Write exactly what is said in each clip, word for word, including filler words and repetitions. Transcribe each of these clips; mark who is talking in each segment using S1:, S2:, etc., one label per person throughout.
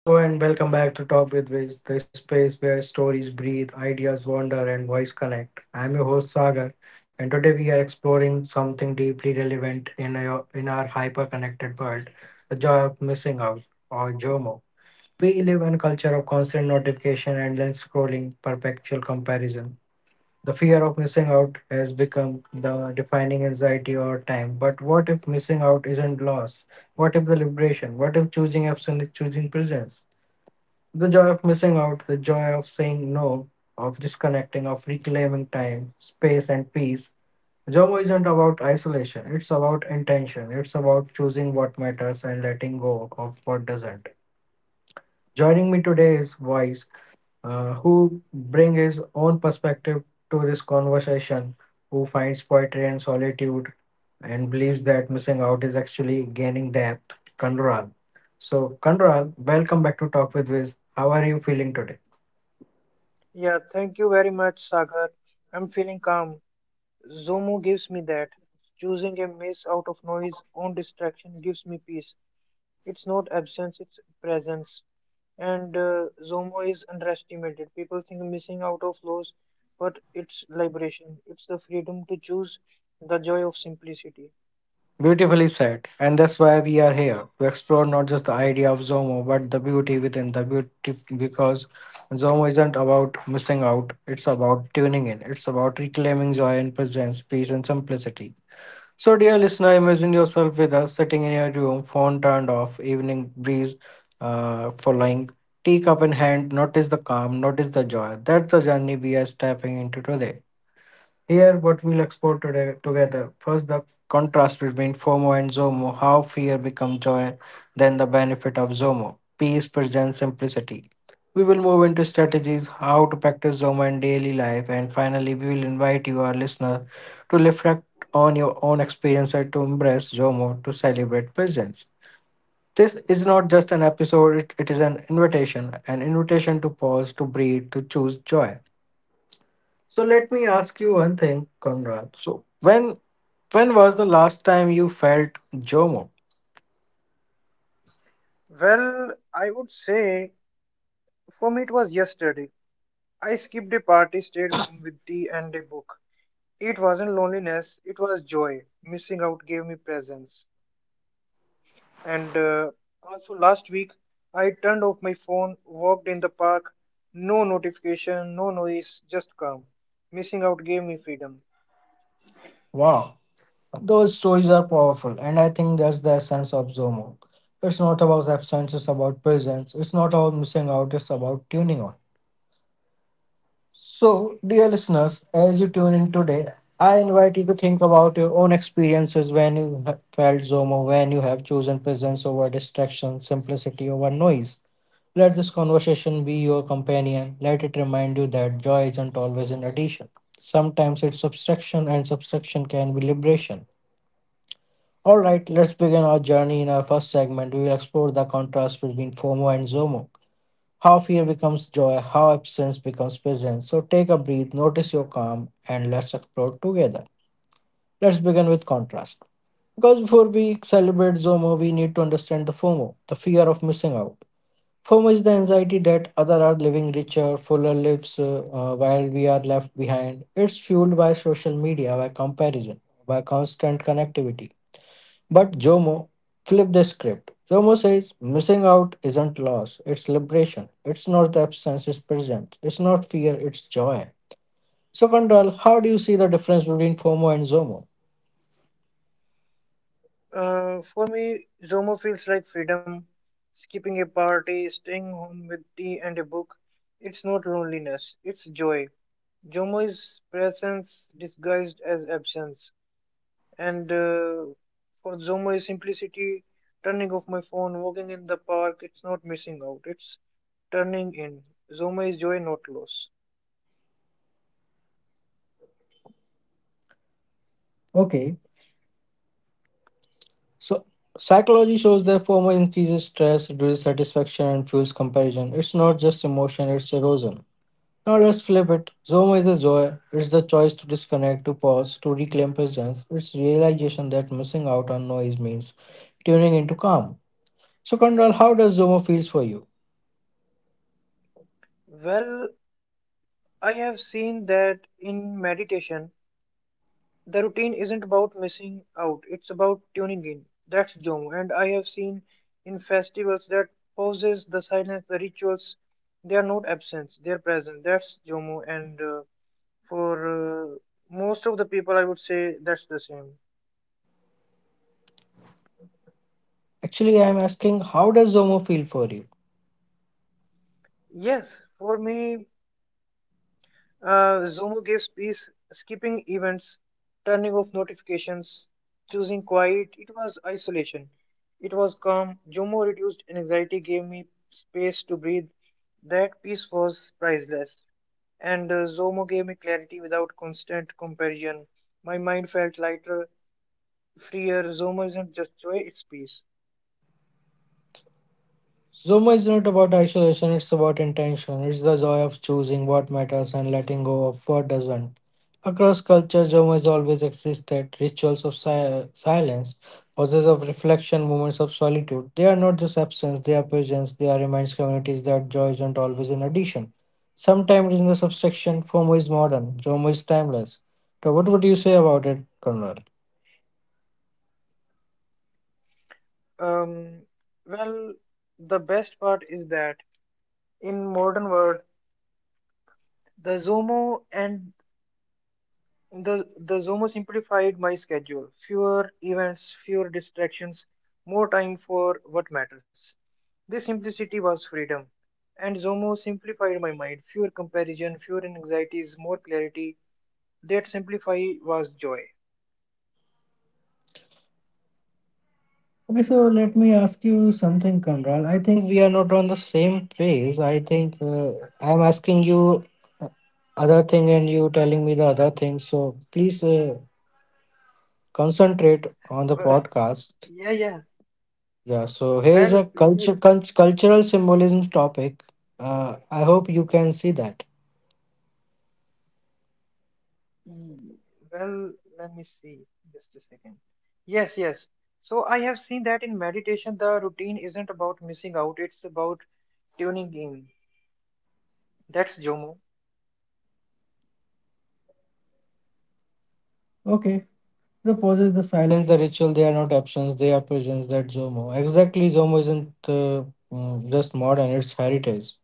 S1: Hello and welcome back to Talk with Viz, the space where stories breathe, ideas wander, and voice connect. I'm your host Sagar, and today we are exploring something deeply relevant in our, in our hyper-connected world: the joy of missing out, or JOMO. We live in a culture of constant notification, endless scrolling, perpetual comparison. The fear of missing out has become the defining anxiety of our time. But what if missing out isn't loss? What if the liberation? What if choosing absence is choosing presence? The joy of missing out, the joy of saying no, of disconnecting, of reclaiming time, space, and peace. Joy isn't about isolation, it's about intention. It's about choosing what matters and letting go of what doesn't. Joining me today is Wise, uh, who brings his own perspective to this conversation, who finds poetry and solitude and believes that missing out is actually gaining depth. Kandural. So, Kandural, welcome back to Talk with Wiz. How are you feeling today?
S2: Yeah, thank you very much, Sagar. I'm feeling calm. Zomo gives me that. Choosing a mess out of noise on distraction gives me peace. It's not absence, it's presence. And uh, Zomo is underestimated. People think missing out of laws, but it's liberation. It's the freedom to choose the joy of simplicity.
S1: Beautifully said. And that's why we are here to explore not just the idea of Zomo, but the beauty within the beauty. Because Zomo isn't about missing out, it's about tuning in, it's about reclaiming joy and presence, peace, and simplicity. So, dear listener, imagine yourself with us sitting in your room, phone turned off, evening breeze uh, following, teacup in hand. Notice the calm, notice the joy. That's the journey we are stepping into today. Here, what we'll explore today together. First, the contrast between FOMO and ZOMO, how fear becomes joy, then the benefit of ZOMO, peace, presence, simplicity. We will move into strategies, how to practice ZOMO in daily life, and finally, we will invite you, our listener, to reflect on your own experience and to embrace ZOMO to celebrate presence. This is not just an episode, it, it is an invitation, an invitation to pause, to breathe, to choose joy. So let me ask you one thing, Conrad. So when when was the last time you felt JOMO?
S2: Well, I would say for me it was yesterday. I skipped a party, stayed home with tea and a book. It wasn't loneliness, it was joy. Missing out gave me presence. And uh, also, last week, I turned off my phone, walked in the park, no notification, no noise, just calm. Missing out gave me freedom.
S1: Wow, those stories are powerful, and I think that's the essence of JOMO. It's not about absence, it's about presence. It's not about missing out, it's about tuning on. So, dear listeners, as you tune in today, I invite you to think about your own experiences when you have felt JOMO, when you have chosen presence over distraction, simplicity over noise. Let this conversation be your companion. Let it remind you that joy isn't always an addition. Sometimes it's subtraction, and subtraction can be liberation. All right, let's begin our journey in our first segment. We will explore the contrast between FOMO and ZOMO. How fear becomes joy, how absence becomes presence. So take a breath, notice your calm, and let's explore together. Let's begin with contrast. Because before we celebrate ZOMO, we need to understand the FOMO, the fear of missing out. For much the anxiety that other are living richer, fuller lives, uh, uh, while we are left behind. It's fueled by social media, by comparison, by constant connectivity. But Jomo flipped the script. Jomo says missing out isn't loss, it's liberation. It's not absence, it's presence. It's not fear, it's joy. So, Kondral, how do you see the difference between FOMO and ZOMO?
S2: Uh, for me, Zomo feels like freedom. Skipping a party, staying home with tea and a book. It's not loneliness, it's joy. Zomo is presence disguised as absence. And uh, For Zoma's simplicity, turning off my phone, walking in the park, it's not missing out, it's turning in. Zoma is joy, not loss.
S1: Okay, so psychology shows that FOMO increases stress, reduces satisfaction, and fuels comparison. It's not just emotion, it's erosion. Now let's flip it. Zoom is a joy. It's the choice to disconnect, to pause, to reclaim presence. It's realization that missing out on noise means tuning into calm. So Kondral, how does Zomo feels for you?
S2: Well, I have seen that in meditation, the routine isn't about missing out, it's about tuning in. That's Zoma. And I have seen in festivals that pauses, the silence, the rituals, they are not absence, they are present. That's Jomo. And uh, for uh, Most of the people, I would say that's the same.
S1: Actually, I am asking, how does Zomo feel for you?
S2: Yes, for me, uh, Zomo gives peace, skipping events, turning off notifications, choosing quiet. It was isolation. It was calm. Zomo reduced anxiety, gave me space to breathe. That peace was priceless. And uh, Zomo gave me clarity without constant comparison. My mind felt lighter, freer. Zomo isn't just joy, it's peace.
S1: Zumba is not about isolation, it's about intention. It's the joy of choosing what matters and letting go of what doesn't. Across culture, Zumba has always existed. Rituals of si- silence, pauses of reflection, moments of solitude. They are not just absence, they are presence. They are reminds communities that joy isn't always an addition. Sometimes it is in the subtraction. FOMO is modern, Zumba is timeless. So, what would you say about it, Conrad?
S2: Um, well, the best part is that in modern world, The Zomo and the the Zomo simplified my schedule. Fewer events, fewer distractions, more time for what matters. This simplicity was freedom. And Zomo simplified my mind. Fewer comparison, fewer anxieties, more clarity. That simplify was joy.
S1: Okay, so let me ask you something, Kamral. I think we are not on the same page. I think uh, I'm asking you uh, other thing and you telling me the other thing. So please uh, concentrate on the
S2: Well,
S1: podcast.
S2: yeah, yeah.
S1: Yeah, so here is a
S2: Well, you,
S1: culture cul- cultural symbolism topic. Uh, I hope you can see that.
S2: mm, well, let me see. Just a second. Yes, yes. So I have seen that in meditation, the routine isn't about missing out. It's about tuning in. That's Zomo.
S1: Okay. The poses, the silence, the ritual, they are not absence, they are presence. That Zomo. Exactly, Zomo isn't uh, mm, just modern, it's heritage.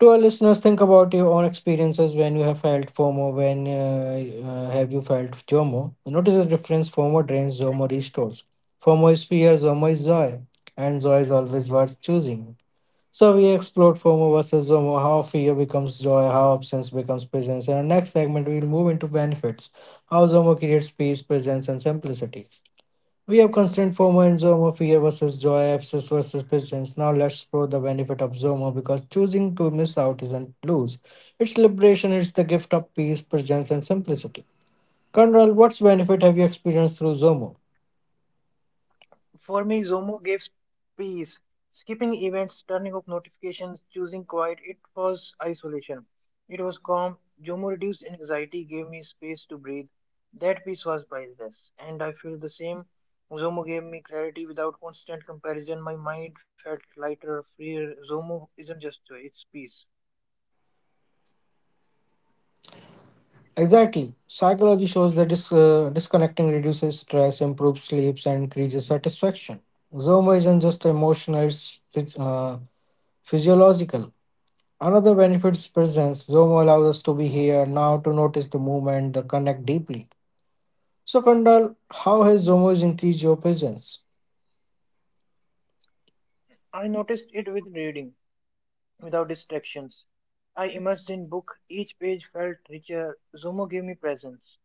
S1: To our listeners, think about your own experiences when you have felt FOMO. When uh, uh, have you felt JOMO? Notice the difference. FOMO drains, JOMO restores. FOMO is fear, JOMO is joy, and joy is always worth choosing. So we explored FOMO versus JOMO, how fear becomes joy, how absence becomes presence. In our next segment, we will move into benefits, how JOMO creates peace, presence, and simplicity. We have constant FOMO and ZOMO, fear versus joy, absence versus presence. Now let's explore the benefit of ZOMO because choosing to miss out isn't lose. It's liberation, it's the gift of peace, presence, and simplicity. Conrad, what's benefit have you experienced through ZOMO?
S2: For me, Zomo gives peace. Skipping events, turning off notifications, choosing quiet, it was isolation. It was calm. Zomo reduced anxiety, gave me space to breathe. That peace was priceless, and I feel the same. Zomo gave me clarity without constant comparison. My mind felt lighter, freer. Zomo isn't just joy, it's peace.
S1: Exactly. Psychology shows that dis- uh, disconnecting reduces stress, improves sleeps, and increases satisfaction. Zoma isn't just emotional, it's phys- uh, physiological. Another benefit is presence. Zoma allows us to be here now to notice the movement, the connect deeply. So, Kandal, how has Zomo increased your presence?
S2: I noticed it with reading, without distractions. I immersed in book, each page felt richer. Zomo gave me presence.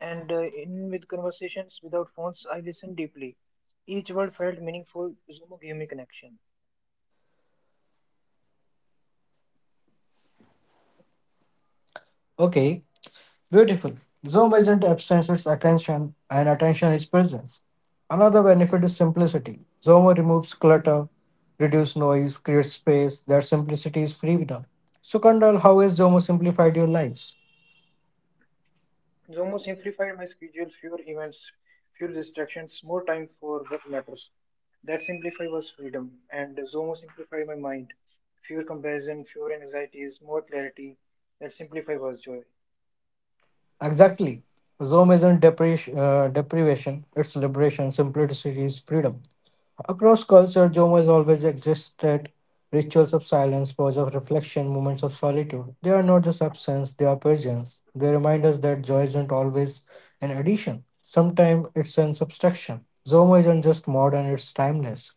S2: And uh, In with conversations without phones, I listened deeply. Each word felt meaningful. Zomo gave me connection.
S1: Okay, beautiful. Zomo isn't absence, it's attention, and attention is presence. Another benefit is simplicity. Zomo removes clutter, reduces noise, creates space. Their simplicity is freedom. So, Kandal, how has Zomo simplified your lives?
S2: Zomo simplified my schedule, fewer events, fewer distractions, more time for what matters. That simplify was freedom, and Zomo simplified my mind. Fewer comparison, fewer anxieties, more clarity. That simplify was joy.
S1: Exactly. Zomo isn't depre- uh, deprivation, it's liberation. Simplicity is freedom. Across culture, Joma has always existed. Rituals of silence, pause of reflection, moments of solitude. They are not just absence, they are presence. They remind us that joy isn't always an addition. Sometimes it's an subtraction. Zomo isn't just modern, it's timeless.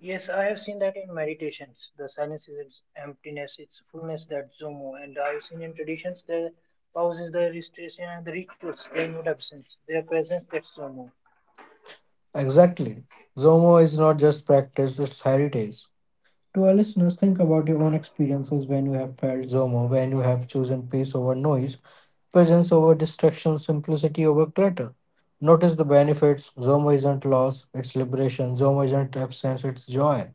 S2: Yes, I have seen that in meditations. The silence is its emptiness, its fullness, that Zomo. And I have seen in traditions the pauses, the restoration, and the rituals, their not absence, their presence, that Zomo.
S1: Exactly. Zomo is not just practice, it's heritage. To our listeners, think about your own experiences when you have felt ZOMO, when you have chosen peace over noise, presence over distraction, simplicity over clutter. Notice the benefits. ZOMO isn't loss, it's liberation. ZOMO isn't absence, it's joy.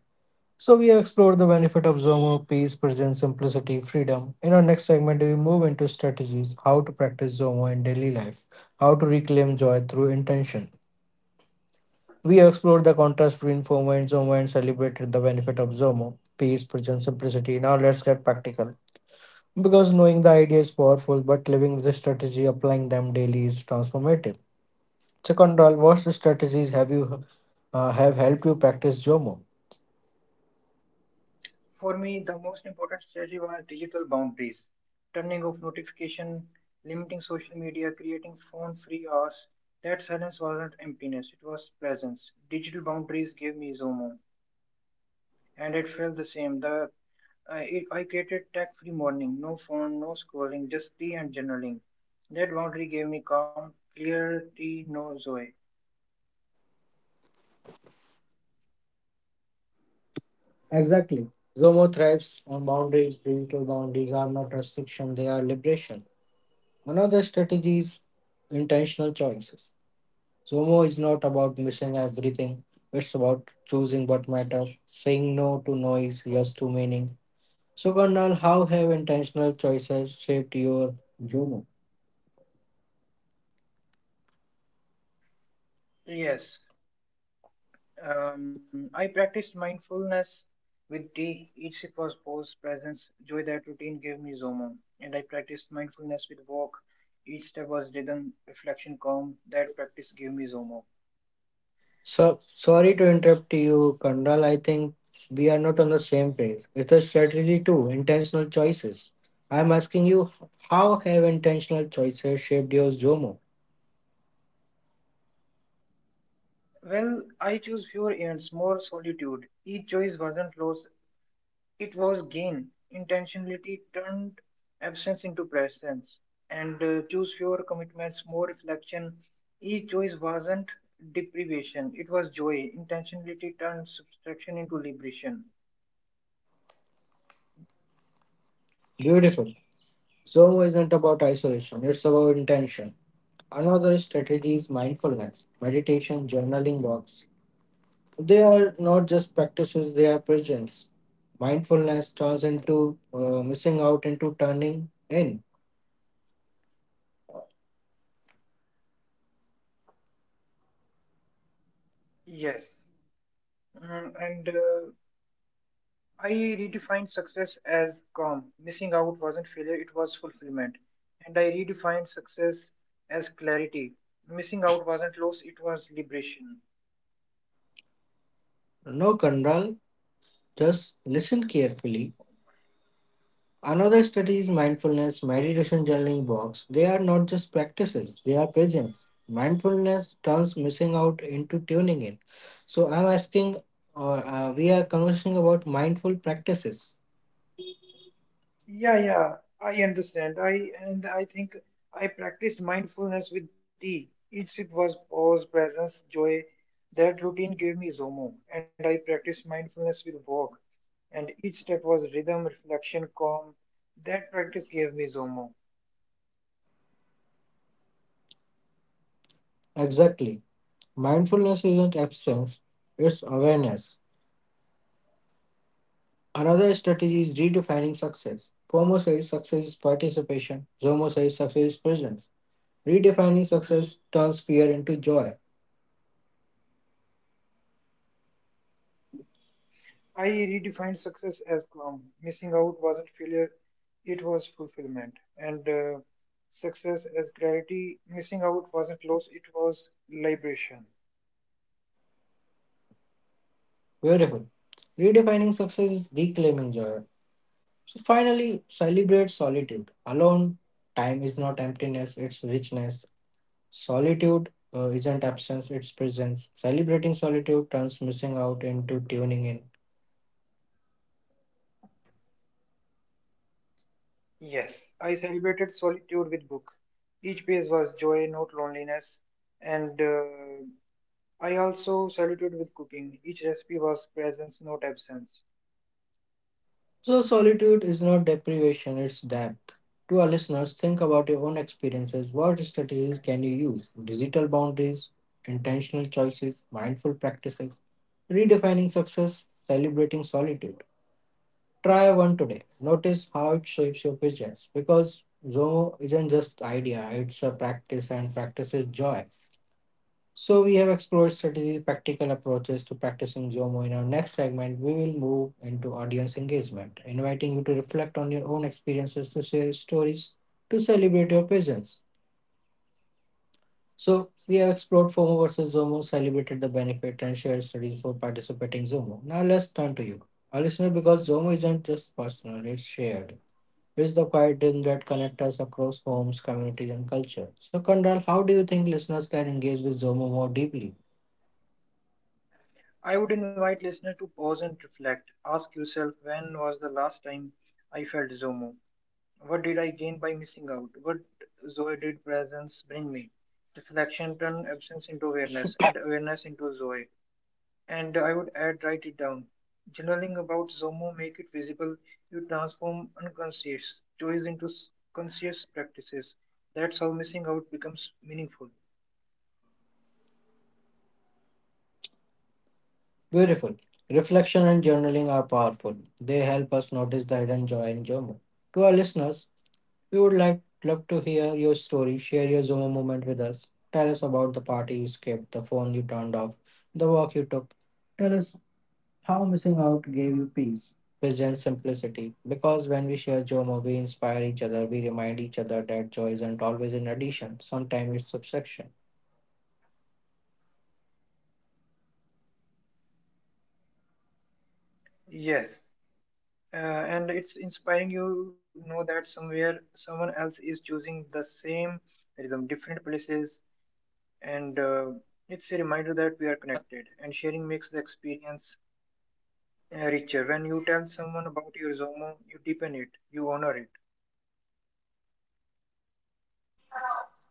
S1: So we have explored the benefit of ZOMO, peace, presence, simplicity, freedom. In our next segment, we move into strategies, how to practice ZOMO in daily life, how to reclaim joy through intention. We explored the contrast between FOMO and ZOMO and celebrated the benefit of ZOMO, peace, presence, simplicity. Now let's get practical. Because knowing the idea is powerful, but living with the strategy, applying them daily is transformative. So, Control, what strategies have you uh, have helped you practice ZOMO?
S2: For me, the most important strategy are digital boundaries, turning off notification, limiting social media, creating phone free hours. That silence wasn't emptiness, it was presence. Digital boundaries gave me Zomo. And it felt the same. The I, I created tech free morning, no phone, no scrolling, just tea and journaling. That boundary gave me calm, clarity, no joy.
S1: Exactly. ZOMO thrives on boundaries. Digital boundaries are not restriction; they are liberation. Another strategy is intentional choices. Zomo is not about missing everything. It's about choosing what matters, saying no to noise, yes to meaning. So, Karnal, how have intentional choices shaped your Zomo?
S2: Yes, um, I practiced mindfulness with tea. Each sip was pause, presence, joy that routine gave me Zomo. And I practiced mindfulness with walk. Each step was rhythm, reflection, calm. That practice gave me Zomo.
S1: So, sorry to interrupt you, Karnal. I think we are not on the same page. It's the strategy too, intentional choices. I'm asking you, how have intentional choices shaped your Zomo?
S2: Well, I chose fewer ends, more solitude. Each choice wasn't loss, it was gain. Intentionality turned absence into presence and uh, choose fewer commitments, more reflection. Each choice wasn't deprivation, it was joy. Intentionality turned subtraction into liberation.
S1: Beautiful. Zomo isn't about isolation, it's about intention. Another strategy is mindfulness, meditation, journaling walks. They are not just practices, they are presence. Mindfulness turns into uh, missing out into turning in.
S2: Yes. Mm, and uh, I redefined success as calm. Missing out wasn't failure, it was fulfillment. And I redefined success as clarity. Missing out wasn't loss, it was liberation.
S1: No control, just listen carefully. Another study is mindfulness, meditation, journaling walks. They are not just practices, they are presence. Mindfulness turns missing out into tuning in. So I'm asking, or uh, we are conversing about mindful practices.
S2: Yeah, yeah, I understand. I and I think I practiced mindfulness with tea. Each sip was pause, presence, joy. That routine gave me Zomo, and I practiced mindfulness with walk. And each step was rhythm, reflection, calm. That practice gave me Zomo.
S1: Exactly. Mindfulness isn't absence, it's awareness. Another strategy is redefining success. Como says success is participation, Zomo says success is presence. Redefining success turns fear into joy.
S2: I redefined success as calm. Missing out wasn't failure, it was fulfillment. And uh, Success as clarity. Missing out wasn't loss, it was liberation.
S1: Beautiful. Redefining success is reclaiming joy. So finally, celebrate solitude. Alone, time is not emptiness, it's richness. Solitude uh, isn't absence, it's presence. Celebrating solitude turns missing out into tuning in.
S2: Yes, I celebrated solitude with book. Each page was joy, not loneliness. And uh, I also celebrated with cooking. Each recipe was presence, not absence.
S1: So, solitude is not deprivation, it's depth. To our listeners, think about your own experiences. What strategies can you use? Digital boundaries, intentional choices, mindful practices, redefining success, celebrating solitude. Try one today. Notice how it shapes your visions because Zoho isn't just idea, it's a practice and practice is joy. So we have explored strategy, practical approaches to practicing Zomo. In our next segment, we will move into audience engagement, inviting you to reflect on your own experiences, to share stories, to celebrate your presence. So we have explored FOMO versus Zomo, celebrated the benefit, and shared studies for participating Zomo. Now let's turn to you, our listener, because Zomo isn't just personal; it's shared. It's the quiet dream that connects us across homes, communities, and culture. So, Kandral, how do you think listeners can engage with Zomo more deeply?
S2: I would invite listener to pause and reflect. Ask yourself when was the last time I felt Zomo? What did I gain by missing out? What joy did presence bring me? Reflection turned absence into awareness and awareness into joy. And I would add, write it down. Journaling about Zomo make it visible. You transform unconscious joys into s- conscious practices. That's how missing out becomes meaningful.
S1: Beautiful. Reflection and journaling are powerful. They help us notice the hidden joy in Jomo. To our listeners, we would like love to hear your story. Share your Zomo moment with us. Tell us about the party you skipped, the phone you turned off, the walk you took. Tell us how missing out gave you peace, wisdom, and simplicity. Because when we share Jomo, we inspire each other. We remind each other that joy isn't always in addition. Sometimes it's subtraction.
S2: Yes, uh, and it's inspiring. You know that somewhere someone else is choosing the same rhythm, different places, and uh, it's a reminder that we are connected. And sharing makes the experience uh, richer. When you tell someone about your Zomo, you deepen it, you honor it.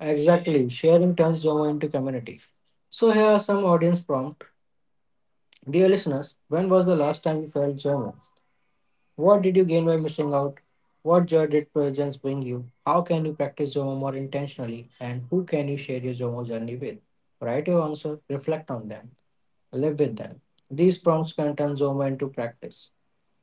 S1: Exactly. Sharing turns Jomo into community. So here are some audience prompt. Dear listeners, when was the last time you felt German? What did you gain by missing out? What joy did presence bring you? How can you practice Zomo more intentionally? And who can you share your Zomo journey with? Write your answer, reflect on them, live with them. These prompts can turn Zomo into practice.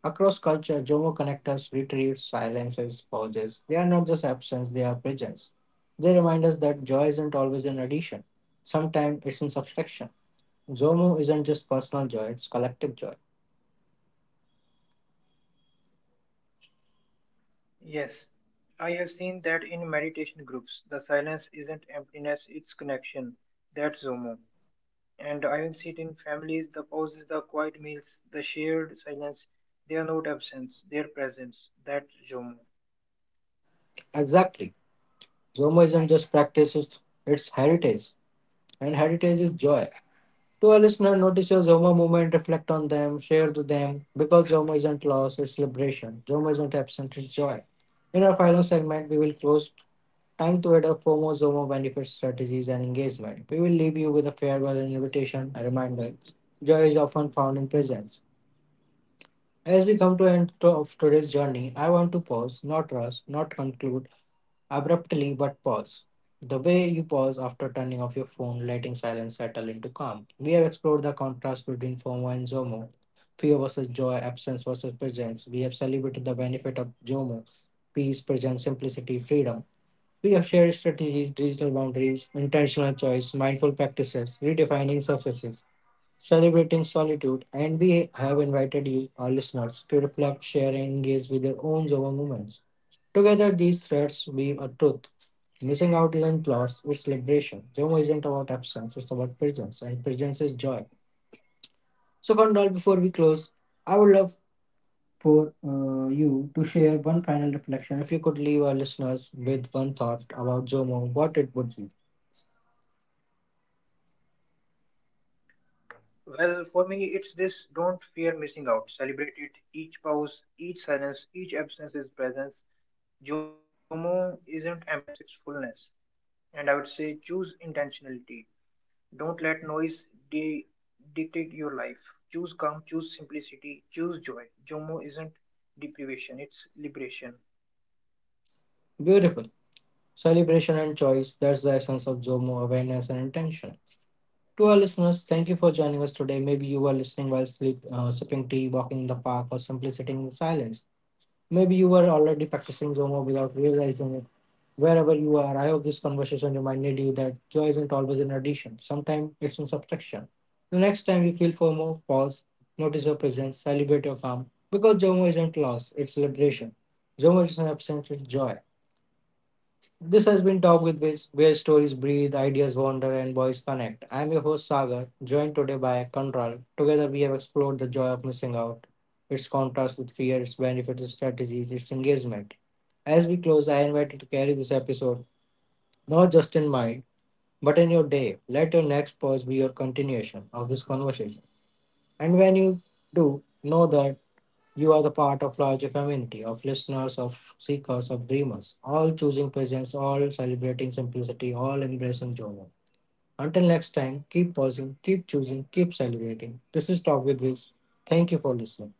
S1: Across culture, Zomo connects us, retreats, silences, pauses. They are not just absence, they are presence. They remind us that joy isn't always an addition. Sometimes it's in subtraction. Zomo isn't just personal joy, it's collective joy.
S2: Yes, I have seen that in meditation groups. The silence isn't emptiness, it's connection. That's Zomo. And I will see it in families, the pauses, the quiet meals, the shared silence. They are not absence, they are presence. That's Zomo.
S1: Exactly. Zomo isn't just practices, it's heritage. And heritage is joy. To a listener, notice your Zomo movement, reflect on them, share with them. Because Zomo isn't loss, it's liberation. Zomo isn't absent, it's joy. In our final segment, we will close time to add up four more Zomo benefits, strategies, and engagement. We will leave you with a farewell, an invitation, a reminder. Joy is often found in presence. As we come to end to- of today's journey, I want to pause, not rush, not conclude abruptly, but pause. The way you pause after turning off your phone, letting silence settle into calm. We have explored the contrast between FOMO and ZOMO, fear versus joy, absence versus presence. We have celebrated the benefit of ZOMO, peace, presence, simplicity, freedom. We have shared strategies, digital boundaries, intentional choice, mindful practices, redefining surfaces, celebrating solitude, and we have invited you, our listeners, to reflect, share, and engage with your own ZOMO moments. Together, these threads weave a truth. Missing out isn't loss, it's celebration. Jomo isn't about absence, it's about presence, and presence is joy. So, Kondal, before we close, I would love for uh, you to share one final reflection. If you could leave our listeners with one thought about Jomo, what it would be.
S2: Well, for me, it's this don't fear missing out. Celebrate it. Each pause, each silence, each absence is presence. Zomo isn't emptiness, it's fullness. And I would say choose intentionality. Don't let noise di- dictate your life. Choose calm, choose simplicity, choose joy. Jomo isn't deprivation, it's liberation.
S1: Beautiful. Celebration and choice, that's the essence of Jomo, awareness and intention. To our listeners, thank you for joining us today. Maybe you were listening while sleep, uh, sipping tea, walking in the park, or simply sitting in silence. Maybe you were already practicing Zomo without realizing it. Wherever you are, I hope this conversation reminded you that joy isn't always an addition. Sometimes it's in subtraction. The next time you feel FOMO, pause, notice your presence, celebrate your calm. Because JOMO isn't loss, it's celebration. JOMO is an absence, it's joy. This has been Talk with Wiz, where stories breathe, ideas wander, and voice connect. I am your host Sagar, joined today by Control. Together we have explored the joy of missing out, its contrast with fear, its benefits, its strategies, its engagement. As we close, I invite you to carry this episode not just in mind, but in your day. Let your next pause be your continuation of this conversation. And when you do, know that you are the part of larger community of listeners, of seekers, of dreamers, all choosing presence, all celebrating simplicity, all embracing joy. Until next time, keep pausing, keep choosing, keep celebrating. This is Talk with Wiz. Thank you for listening.